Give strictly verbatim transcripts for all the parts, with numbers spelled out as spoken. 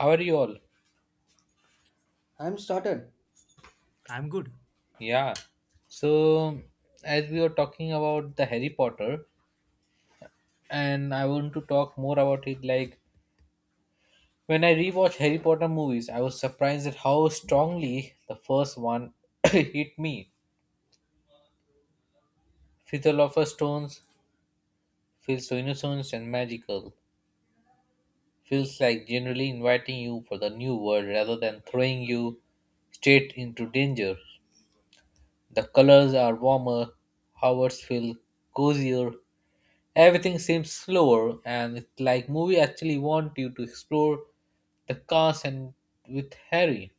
How are you all? I'm started. I'm good. Yeah. So, as we were talking about the Harry Potter, and I want to talk more about it. Like, when I rewatch Harry Potter movies, I was surprised at how strongly the first one hit me. Philosopher Stones feels so innocent and magical. Feels like generally inviting you for the new world rather than throwing you straight into danger. The colors are warmer, Howard's feel cozier, everything seems slower, and it's like movie actually want you to explore the cast and with Harry.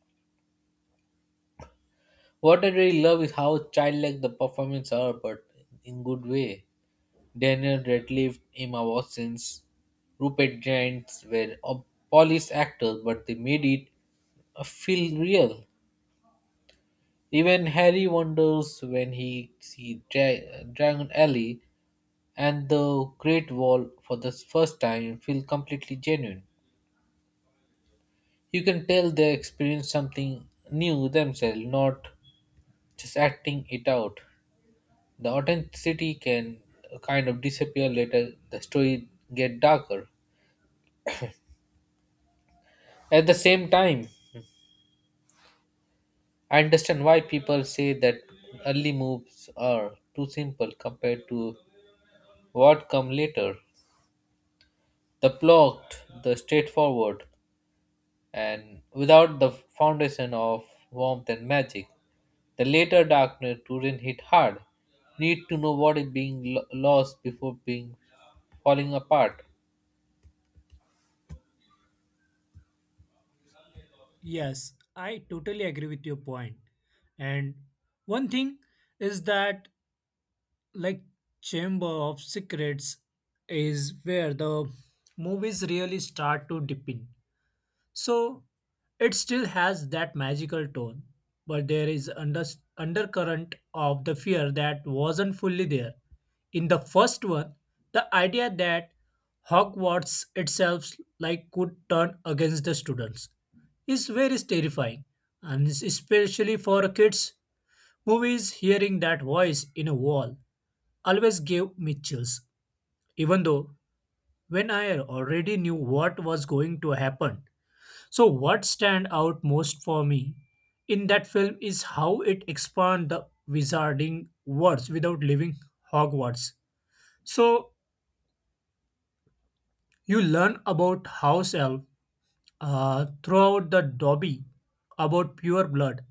What I really love is how childlike the performances are, but in good way. Daniel Radcliffe, Emma Watson, Rupert Grint were all polished actors, but they made it uh, feel real. Even Harry wonders when he sees Dra- Dragon Alley and the Great Wall for the first time and feel completely genuine. You can tell they experience something new themselves, not just acting it out. The authenticity can kind of disappear later, the story get darker. At the same time, I understand why people say that early moves are too simple compared to what come later. The plot, the straightforward, and without the foundation of warmth and magic. The later darkness wouldn't hit hard. Need to know what is being lo- lost before being falling apart. Yes, I totally agree with your point. And one thing is that, like, Chamber of Secrets is where the movies really start to dip in. So it still has that magical tone, but there is under, undercurrent of the fear that wasn't fully there. In the first one, the idea that Hogwarts itself like could turn against the students is very terrifying, and it's especially for kids. Movies hearing that voice in a wall always gave me chills, even though when I already knew what was going to happen. So what stand out most for me in that film is how it expand the wizarding words without leaving Hogwarts. So you learn about house elf uh, throughout the Dobby, about pure blood,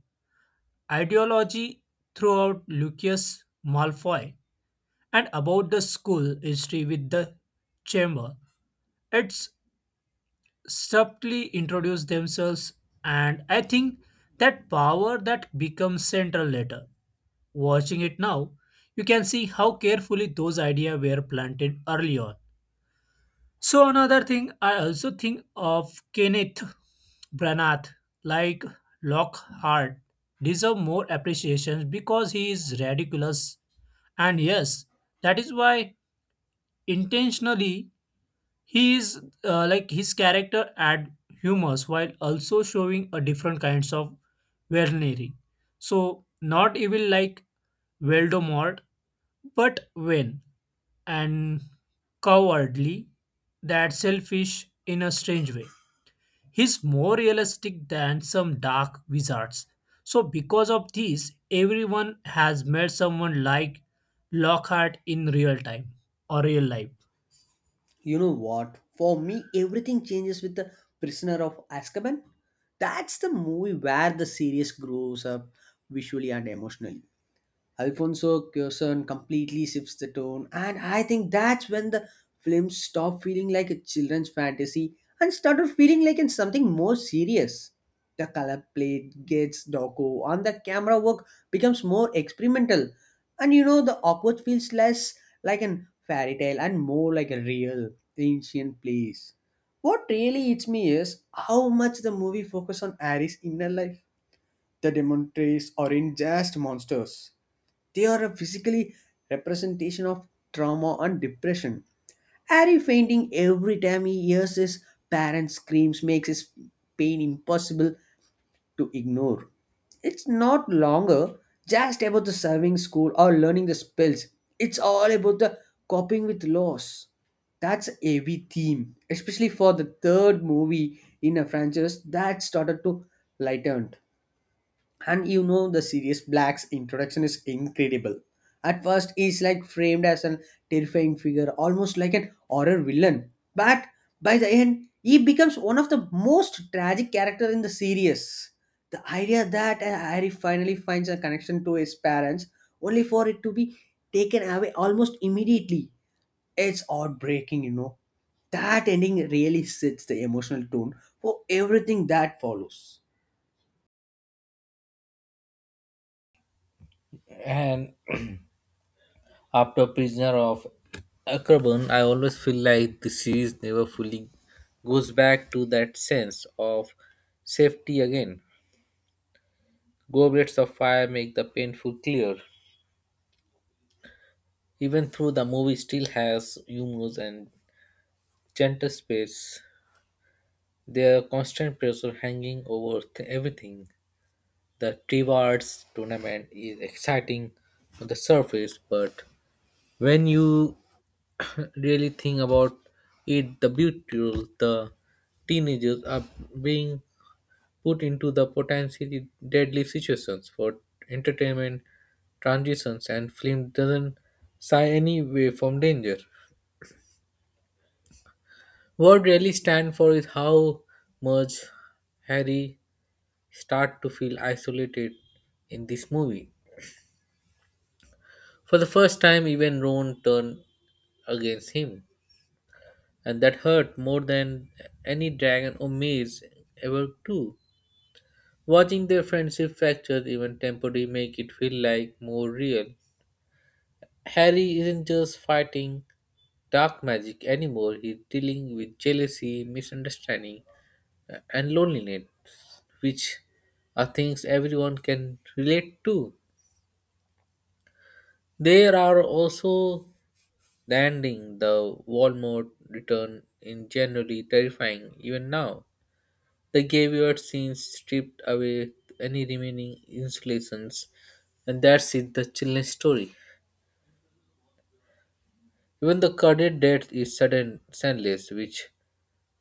ideology throughout Lucius Malfoy, and about the school history with the chamber. It's subtly introduce themselves, and I think that power that becomes central later. Watching it now, you can see how carefully those ideas were planted early on. So another thing I also think of Kenneth Branagh, like Lockhart, deserve more appreciation because he is ridiculous, and yes, that is why intentionally he is uh, like his character add humors while also showing a different kinds of villainy. So not evil like Voldemort, but when and cowardly, that selfish in a strange way. He's more realistic than some dark wizards. So, because of this, everyone has met someone like Lockhart in real time or real life. You know what? For me, everything changes with the Prisoner of Azkaban. That's the movie where the series grows up visually and emotionally. Alfonso Cuarón completely shifts the tone, and I think that's when the film stopped feeling like a children's fantasy and started feeling like it's something more serious. The color plate gets darker, and the camera work becomes more experimental. And you know, the awkward feels less like an fairy tale and more like a real ancient place. What really hits me is how much the movie focuses on Aries' inner life. The demonstrates aren't just monsters. They are a physically representation of trauma and depression. Harry fainting every time he hears his parents' screams makes his pain impossible to ignore. It's not longer just about the serving school or learning the spells. It's all about the coping with loss. That's a heavy theme, especially for the third movie in a franchise that started to lighten. And you know, the serious black's introduction is incredible. At first he's like framed as an terrifying figure, almost like an horror villain, but by the end he becomes one of the most tragic character in the series. The idea that uh, Harry finally finds a connection to his parents, only for it to be taken away almost immediately, it's heartbreaking, you know? That ending really sets the emotional tone for everything that follows. And after Prisoner of Akron, I always feel like the series never fully goes back to that sense of safety again. Goblets of Fire make the painful clear. Even though the movie still has humor and gentle space, there's constant pressure hanging over th- everything. The Triwards tournament is exciting on the surface, but when you really think about it, the beautiful, the teenagers are being put into the potentially deadly situations for entertainment, transitions, and film doesn't shy any way from danger. What really stands for is how much Harry start to feel isolated in this movie. For the first time, even Ron turned against him, and that hurt more than any dragon or maze ever do. Watching their friendship fracture even temporarily make it feel like more real. Harry isn't just fighting dark magic anymore, he's dealing with jealousy, misunderstanding, and loneliness, which are things everyone can relate to. There are also the ending, the Walmart return, in generally terrifying even now. The graveyard scenes stripped away any remaining installations, and that's it, the chilling story. Even the credit death is sudden, senseless, which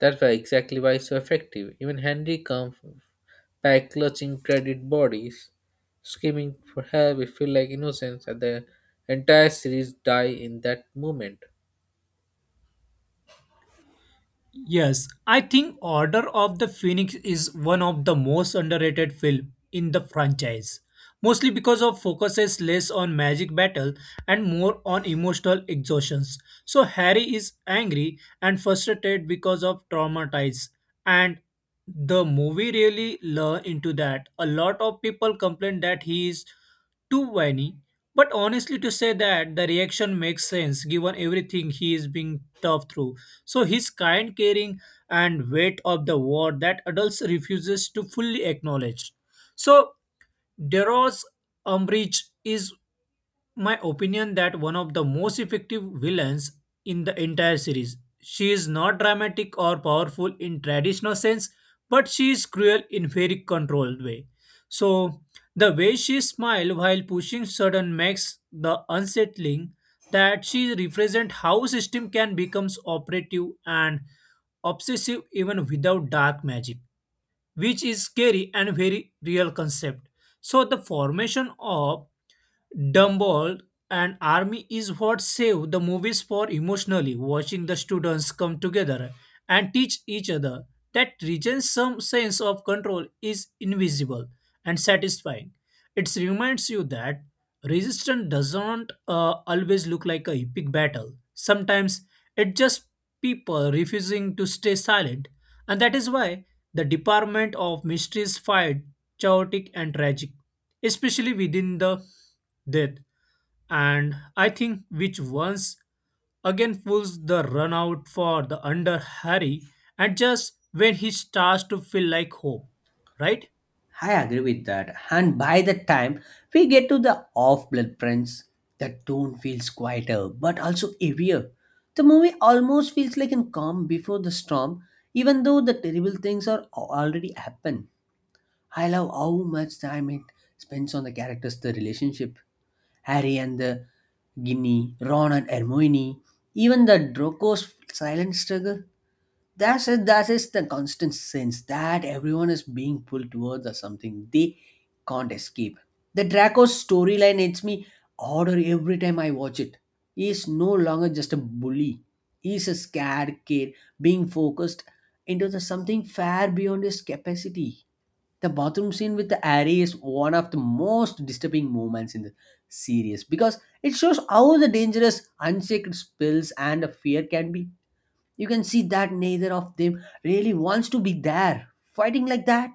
that's why exactly why so effective. Even Henry comes back clutching credit bodies, screaming for help. We feel like innocence, and the entire series die in that moment. Yes, I think Order of the Phoenix is one of the most underrated film in the franchise, mostly because of focuses less on magic battle and more on emotional exhaustions. So Harry is angry and frustrated because of traumatized and the movie really learn into that. A lot of people complain that he is too whiny, but honestly, to say that the reaction makes sense given everything he is being tough through. So his kind, caring, and weight of the war that adults refuses to fully acknowledge. So Deros umbrage is my opinion that one of the most effective villains in the entire series. She is not dramatic or powerful in traditional sense, but she is cruel in very controlled way. So the way she smiles while pushing sudden makes the unsettling that she represents how system can become operative and obsessive even without dark magic, which is scary and very real concept. So the formation of Dumble and Army is what saved the movies for emotionally watching the students come together and teach each other that region some sense of control is invisible and satisfying. It reminds you that resistance doesn't uh, always look like a epic battle. Sometimes it's just people refusing to stay silent and that is why the Department of Mysteries fired chaotic and tragic, especially within the death. And I think which once again pulls the run out for the under Harry and just when he starts to feel like hope, right? I agree with that. And by the time we get to the off blood prints, the tone feels quieter but also heavier. The movie almost feels like a calm before the storm, even though the terrible things are al- already happened. I love how much time it spends on the characters, the relationship. Harry and the Ginny, Ron and Hermione, even the Drogo's silent struggle. That's it. That is the constant sense that everyone is being pulled towards or something they can't escape. The Draco storyline hits me harder every time I watch it. He is no longer just a bully. He is a scared kid being focused into the something far beyond his capacity. The bathroom scene with the Ari is one of the most disturbing moments in the series because it shows how the dangerous, unsacred spells and fear can be. You can see that neither of them really wants to be there, fighting like that.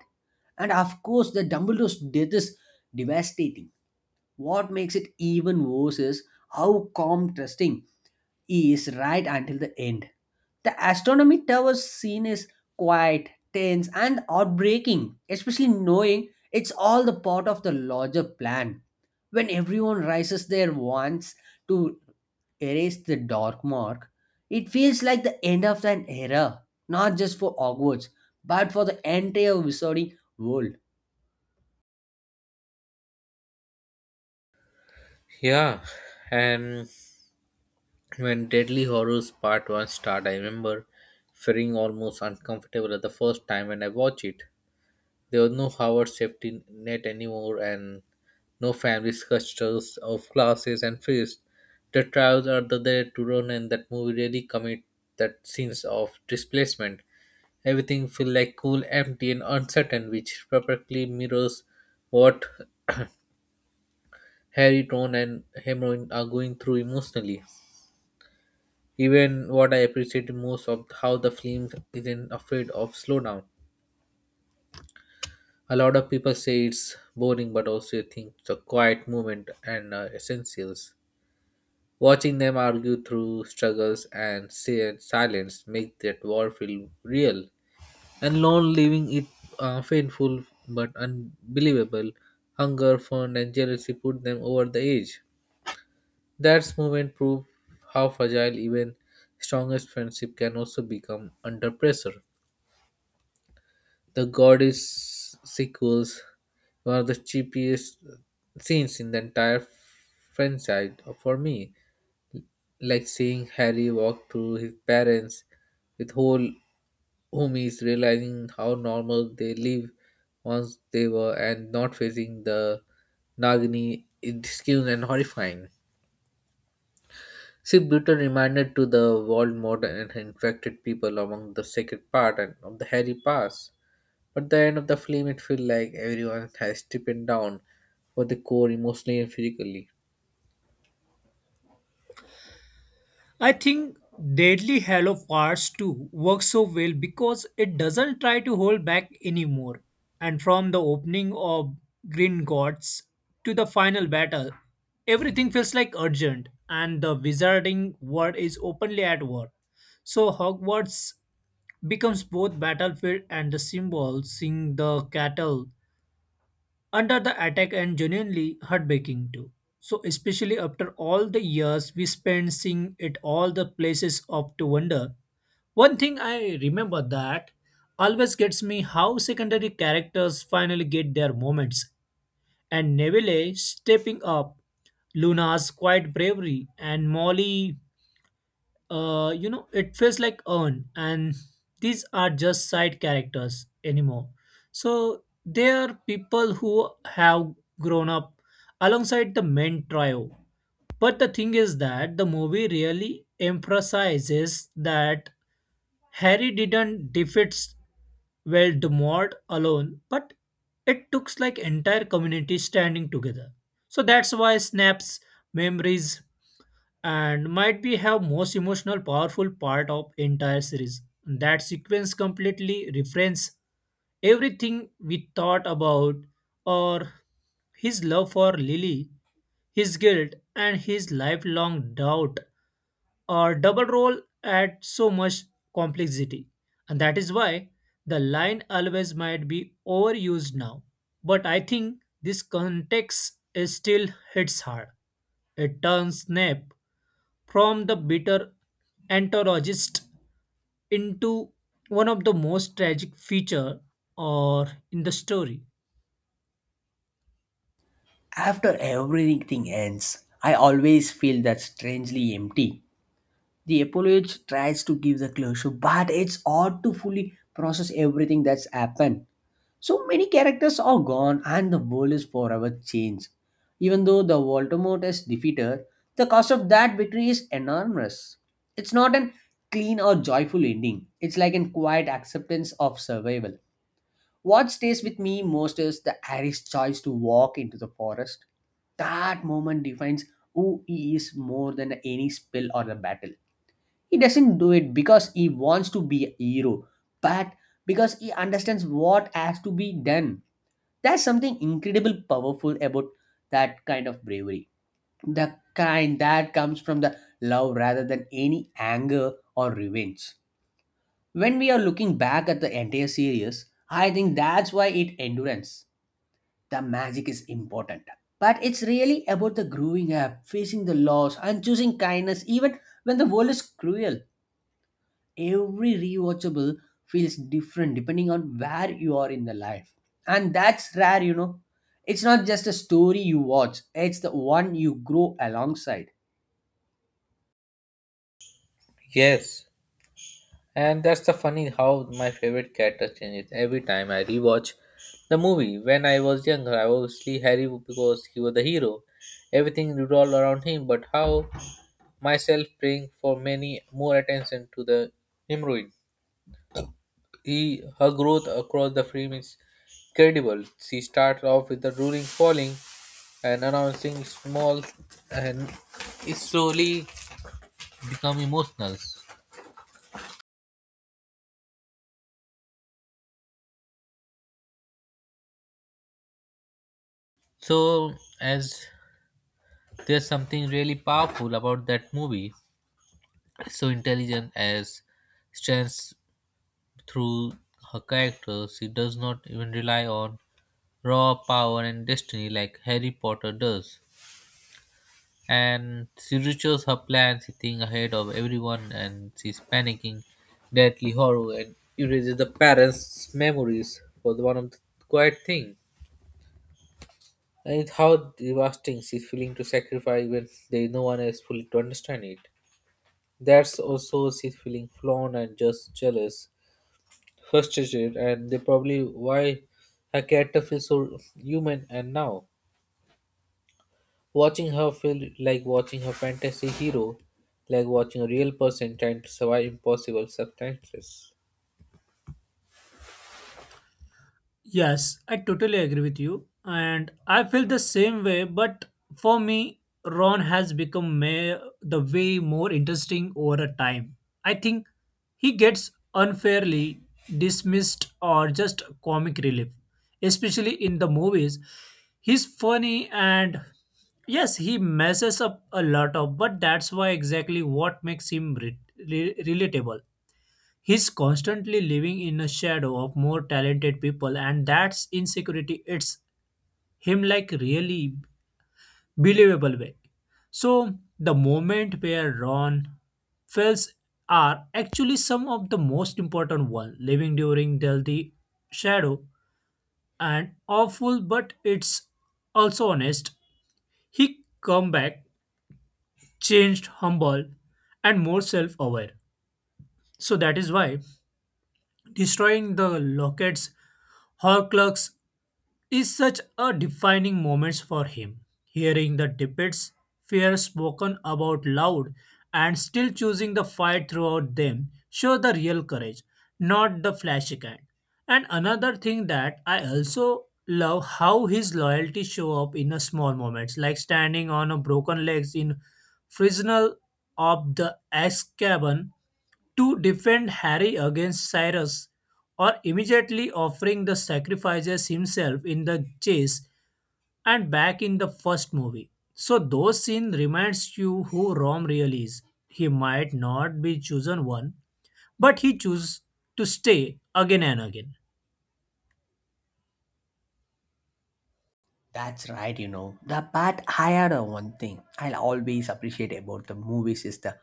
And of course, the Dumbledore's death is devastating. What makes it even worse is how calm trusting he is right until the end. The astronomy tower scene is quiet, tense, and heartbreaking, especially knowing it's all the part of the larger plan. When everyone rises there once to erase the dark mark, it feels like the end of an era, not just for Hogwarts, but for the entire wizarding world. Yeah, and when Deadly Horrors Part one started, I remember feeling almost uncomfortable at the first time when I watched it. There was no Howard safety net anymore and no family structures of classes and fears. The trials are the there to run and that movie really commit that sense of displacement. Everything feel like cool, empty and uncertain, which perfectly mirrors what Harry, Ron and Hermione are going through emotionally. Even what I appreciate most of how the film isn't afraid of slowdown. A lot of people say it's boring, but also you think it's a quiet moment and uh, essentials. Watching them argue through struggles and say silence make that war feel real. And long leaving it uh, painful but unbelievable. Hunger, fun, and jealousy put them over the edge. That moment proved how fragile even strongest friendship can also become under pressure. The Goddess sequels were the cheapest scenes in the entire franchise for me, like seeing Harry walk through his parents with whole homies, realizing how normal they live once they were, and not facing the Nagini. It's cute and horrifying. See, Brutal reminded to the world modern and infected people among the sacred part and of the hairy past. But the end of the film, it feels like everyone has stripped down for the core emotionally and physically. I think Deadly Hallow Parts two works so well because it doesn't try to hold back anymore. And from the opening of Green Gods to the final battle, everything feels like urgent and the wizarding world is openly at war. So Hogwarts becomes both battlefield and the symbol, seeing the cattle under the attack and genuinely heartbreaking too. So especially after all the years we spent seeing it all the places of to wonder. One thing I remember that always gets me how secondary characters finally get their moments and Neville stepping up, Luna's quiet bravery and Molly uh, you know, it feels like earn, and these are just side characters anymore. So they are people who have grown up alongside the main trio. But the thing is that the movie really emphasizes that Harry didn't defeat Voldemort alone, but it took like entire community standing together. So that's why Snap's memories and might be have most emotional powerful part of entire series that sequence completely refrains everything we thought about or his love for Lily, his guilt and his lifelong doubt, or double role at so much complexity, and that is why the line always might be overused now, but I think this context is still hits hard. It turns Snape from the bitter antagonist into one of the most tragic feature or in the story. After everything ends, I always feel that strangely empty. The apologist tries to give the closure, but it's hard to fully process everything that's happened. So many characters are gone and the world is forever changed. Even though the Voldemort is defeated, the cost of that victory is enormous. It's not an clean or joyful ending, it's like a quiet acceptance of survival. What stays with me most is the Harry's choice to walk into the forest. That moment defines who he is more than any spell or the battle. He doesn't do it because he wants to be a hero, but because he understands what has to be done. There's something incredible powerful about that kind of bravery. The kind that comes from the love rather than any anger or revenge. When we are looking back at the entire series, I think that's why it endurance. The magic is important. But it's really about the growing up, facing the loss, and choosing kindness even when the world is cruel. Every rewatchable feels different depending on where you are in the life, and that's rare, you know. It's not just a story you watch, it's the one you grow alongside. Yes, and that's the funny how my favorite character changes every time I rewatch the movie. When I was younger, I obviously Harry because he was the hero. Everything revolved around him, but how myself praying for many more attention to the hemorrhoid. He, her growth across the frame is credible. She starts off with the ruling falling and announcing small and is slowly become emotional. So as there's something really powerful about that movie. So intelligent as stands through her character, she does not even rely on raw power and destiny like Harry Potter does. And she reaches her plan, she ahead of everyone, and she's panicking, deadly horror, and erases the parents' memories for the one of the quiet thing. And it's how devastating she's feeling to sacrifice when there is no one else fully to understand it. That's also she's feeling flown and just jealous, frustrated, and they probably why her character feels so human and now. Watching her felt like watching a fantasy hero, like watching a real person trying to survive impossible circumstances. Yes, I totally agree with you, and I feel the same way. But for me, Ron has become may- the way more interesting over a time. I think he gets unfairly dismissed or just comic relief, especially in the movies. He's funny and yes, he messes up a lot of, but that's why exactly what makes him re- re- relatable. He's constantly living in a shadow of more talented people, and that's insecurity. It's him like really believable way. So the moment where Ron fails are actually some of the most important one living during the shadow and awful, but it's also honest. He come back changed, humble, and more self-aware. So that is why destroying the lockets Horcrux is such a defining moment for him. Hearing the debates, fear spoken about loud, and still choosing the fight throughout them show the real courage, not the flashy kind. And another thing that I also love how his loyalty show up in a small moments, like standing on a broken legs in Frisnal of the Axe Cabin to defend Harry against Cyrus or immediately offering the sacrifices himself in the chase and back in the first movie. So those scene reminds you who Rom really is. He might not be chosen one, but he chooses to stay again and again. That's right. You know the part, I had a one thing I'll always appreciate about the movies is the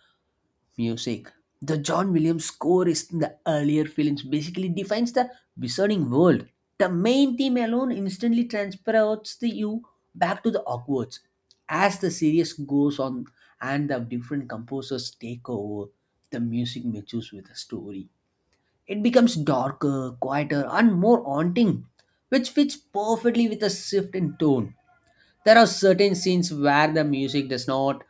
music. The John Williams score is in the earlier films basically defines the wizarding world. The main theme alone instantly transports the you back to the Hogwarts. As the series goes on and the different composers take over, the music matches with the story. It becomes darker, quieter, and more haunting, which fits perfectly with the shift in tone. There are certain scenes where the music does not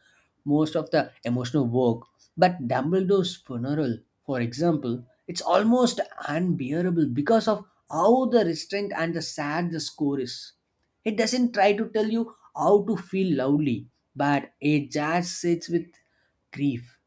most of the emotional work. But Dumbledore's funeral, for example, it's almost unbearable because of how the restraint and the sad the score is. It doesn't try to tell you how to feel loudly, but it just sits with grief.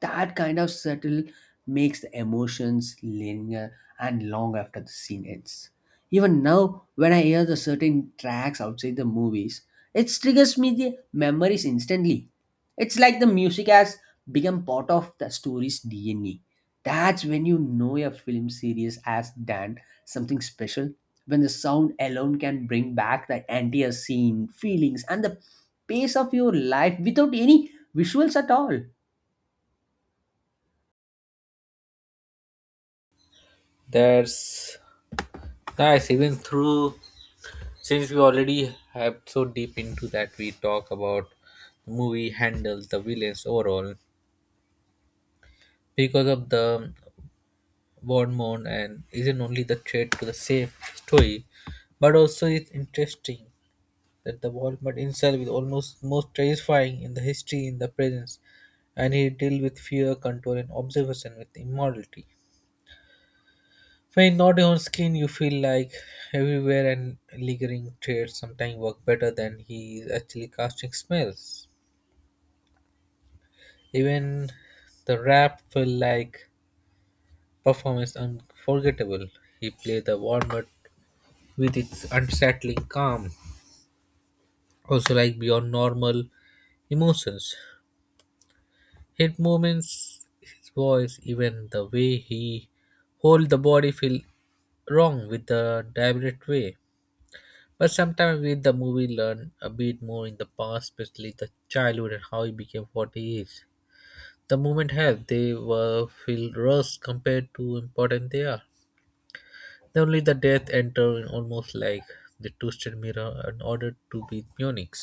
That kind of subtle makes the emotions linger and long after the scene ends. Even now, when I hear the certain tracks outside the movies, it triggers me the memories instantly. It's like the music has become part of the story's D N A. That's when you know a film series has done something special, when the sound alone can bring back the entire scene, feelings, and the pace of your life without any visuals at all. That's nice. Even through since we already have so deep into that, we talk about movie handles the villains overall because of the Bond mode and isn't only the threat to the safe story, but also it's interesting that the Walmart himself is almost most terrifying in the history in the presence, and he deal with fear, control, and observation with immorality. When not your own skin, you feel like everywhere and lingering traits sometimes work better than he is actually casting smells. Even the rap felt like performance unforgettable. He played the Walmart with its unsettling calm, also like beyond normal emotions. His movements, his voice, even the way he hold the body feel wrong with the deliberate way. But sometimes with the movie learn a bit more in the past, especially the childhood and how he became what he is. The movement help they were feel worse compared to important they are. Then only the death enter in almost like the twisted mirror in order to be Munich.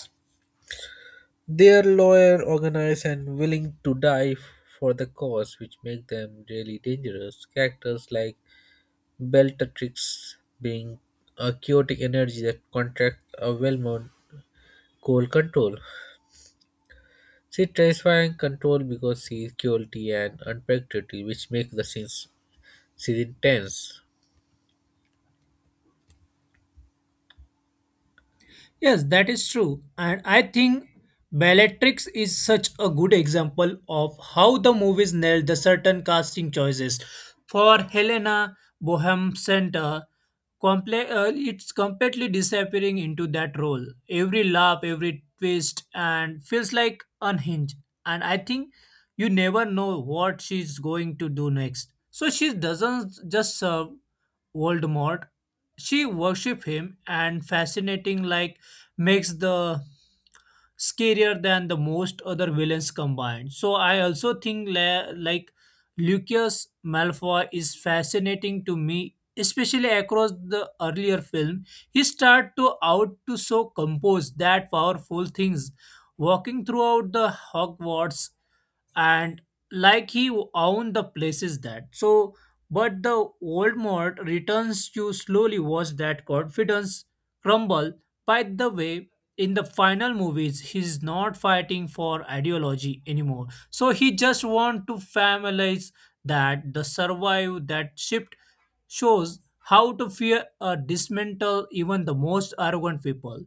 They're loyal, organized, and willing to die f- for the cause, which make them really dangerous. Characters like Beltatrix being a chaotic energy that contracts a well-known coal control. She tries control because she is cruelty and unpredictability, which make the scenes series intense. Yes, that is true. And I think Bellatrix is such a good example of how the movies nailed the certain casting choices. For Helena Bohem Center, comple- uh, it's completely disappearing into that role. Every laugh, every twist, and feels like unhinged. And I think you never know what she's going to do next. So she doesn't just serve Voldemort, she worship him and fascinating like makes the scarier than the most other villains combined. So I also think la- like Lucius Malfoy is fascinating to me, especially across the earlier film. He start to out to so compose that powerful things walking throughout the Hogwarts, and like he owned the places that so, but the old mod returns to slowly watch that confidence crumble. By the way, in the final movies he's not fighting for ideology anymore, so he just want to familiarize that the survive that shift shows how to fear a dismantle even the most arrogant people.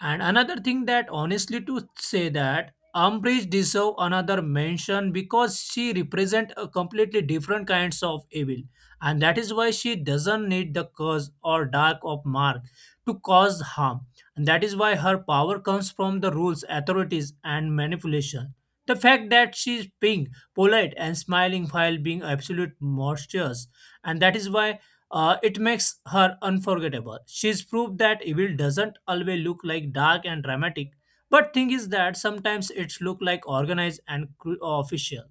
And another thing that honestly to say that Ambridge deserve another mention because she represent a completely different kinds of evil, and that is why she doesn't need the curse or dark of mark to cause harm, and that is why her power comes from the rules, authorities, and manipulation. The fact that she is pink, polite, and smiling while being absolute monstrous and that is why uh, it makes her unforgettable. She's proved that evil doesn't always look like dark and dramatic, but thing is that sometimes it's look like organized and cru- uh, official,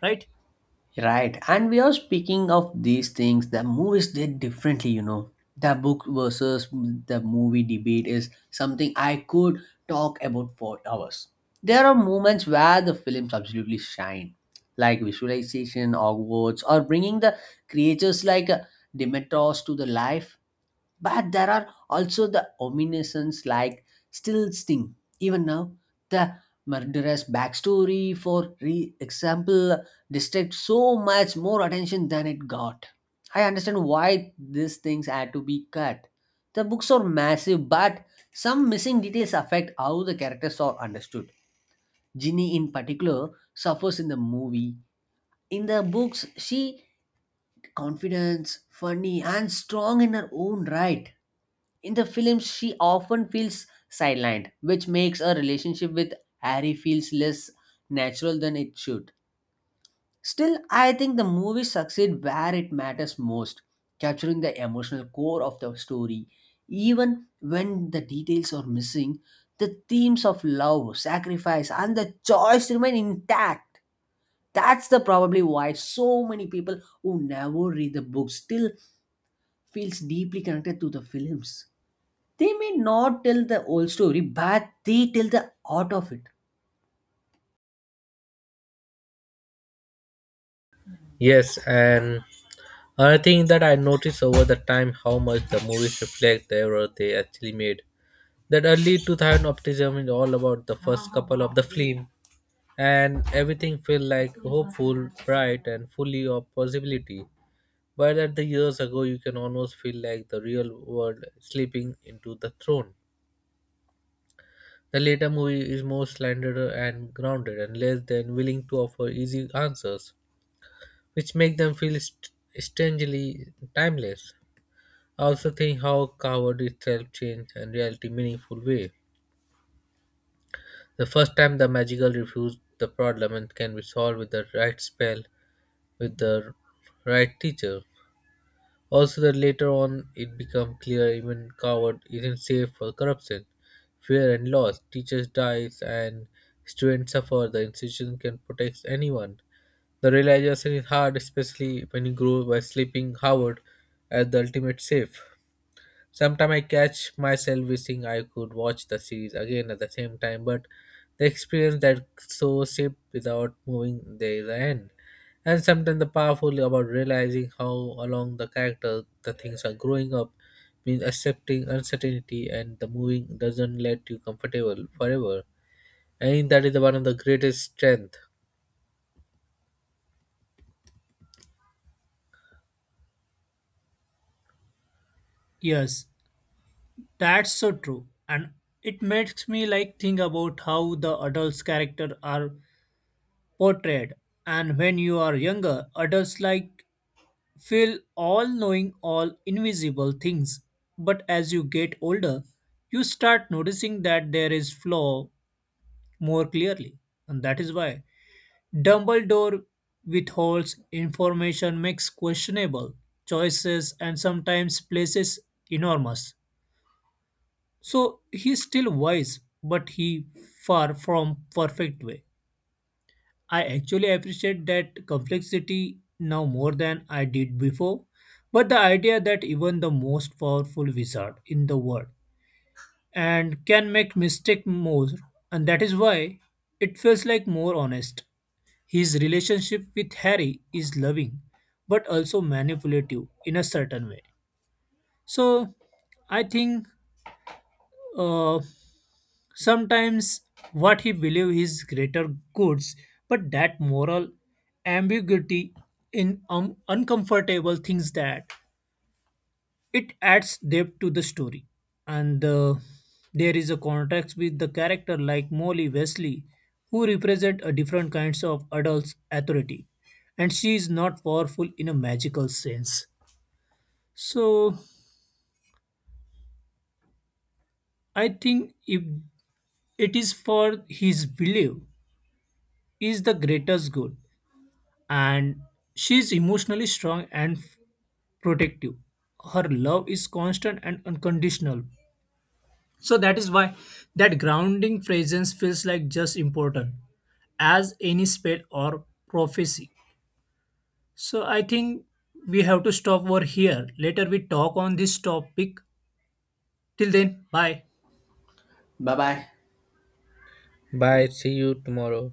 right? Right, and we are speaking of these things. The movies did differently, you know. The book versus the movie debate is something I could talk about for hours. There are moments where the films absolutely shine, like visualization, Hogwarts, or bringing the creatures like uh, Demetrius to the life. But there are also the omniscience like still sting. Even now, the murderous backstory, for re- example, distract so much more attention than it got. I understand why these things had to be cut. The books are massive, but some missing details affect how the characters are understood. Ginny, in particular, suffers in the movie. In the books, she confident, funny, and strong in her own right. In the films, she often feels sidelined, which makes her relationship with Harry feels less natural than it should. Still, I think the movie succeed where it matters most, capturing the emotional core of the story. Even when the details are missing, the themes of love, sacrifice, and the choice remain intact. That's the probably why so many people who never read the book still feels deeply connected to the films. They may not tell the whole story, but they tell the art of it. Yes, and another thing that I noticed over the time how much the movies reflect the error they actually made. That early two thousand optimism is all about the first couple of the film and everything felt like hopeful bright and fully of possibility, but at the years ago you can almost feel like the real world slipping into the throne. The later movie is more slender and grounded and less than willing to offer easy answers, which make them feel st- strangely timeless. I also think how coward itself changed and reality meaningful way. The first time the magical refused the problem and can be solved with the right spell with the right teacher. Also that later on it become clear even coward isn't safe for corruption, fear and loss. Teachers dies and students suffer, the institution can protect anyone. The realization is hard especially when you grow by sleeping Howard as the ultimate safe. Sometimes I catch myself wishing I could watch the series again at the same time, but the experience that so shaped without moving there is end. And sometimes the powerful about realizing how along the character the things are growing up means accepting uncertainty and the moving doesn't let you comfortable forever. I think that is one of the greatest strength. Yes, that's so true, and it makes me like think about how the adults' character are portrayed. And when you are younger, adults like feel all knowing, all invisible things. But as you get older, you start noticing that there is flaw more clearly. And that is why Dumbledore withholds information, makes questionable choices, and sometimes places enormous. So he's still wise, but he far from perfect way. I actually appreciate that complexity now more than I did before. But the idea that even the most powerful wizard in the world and can make mistake more, and that is why it feels like more honest. His relationship with Harry is loving, but also manipulative in a certain way. So, I think uh, sometimes what he believes is greater goods, but that moral ambiguity in um, uncomfortable things that it adds depth to the story, and uh, there is a contrast with the character like Molly Wesley, who represent a different kinds of adult's authority, and she is not powerful in a magical sense. So I think if it is for his belief is the greatest good, and she is emotionally strong and protective. Her love is constant and unconditional, so that is why that grounding presence feels like just important as any spell or prophecy. So I think we have to stop over here. Later we talk on this topic. Till then, bye. Bye bye. Bye, see you tomorrow.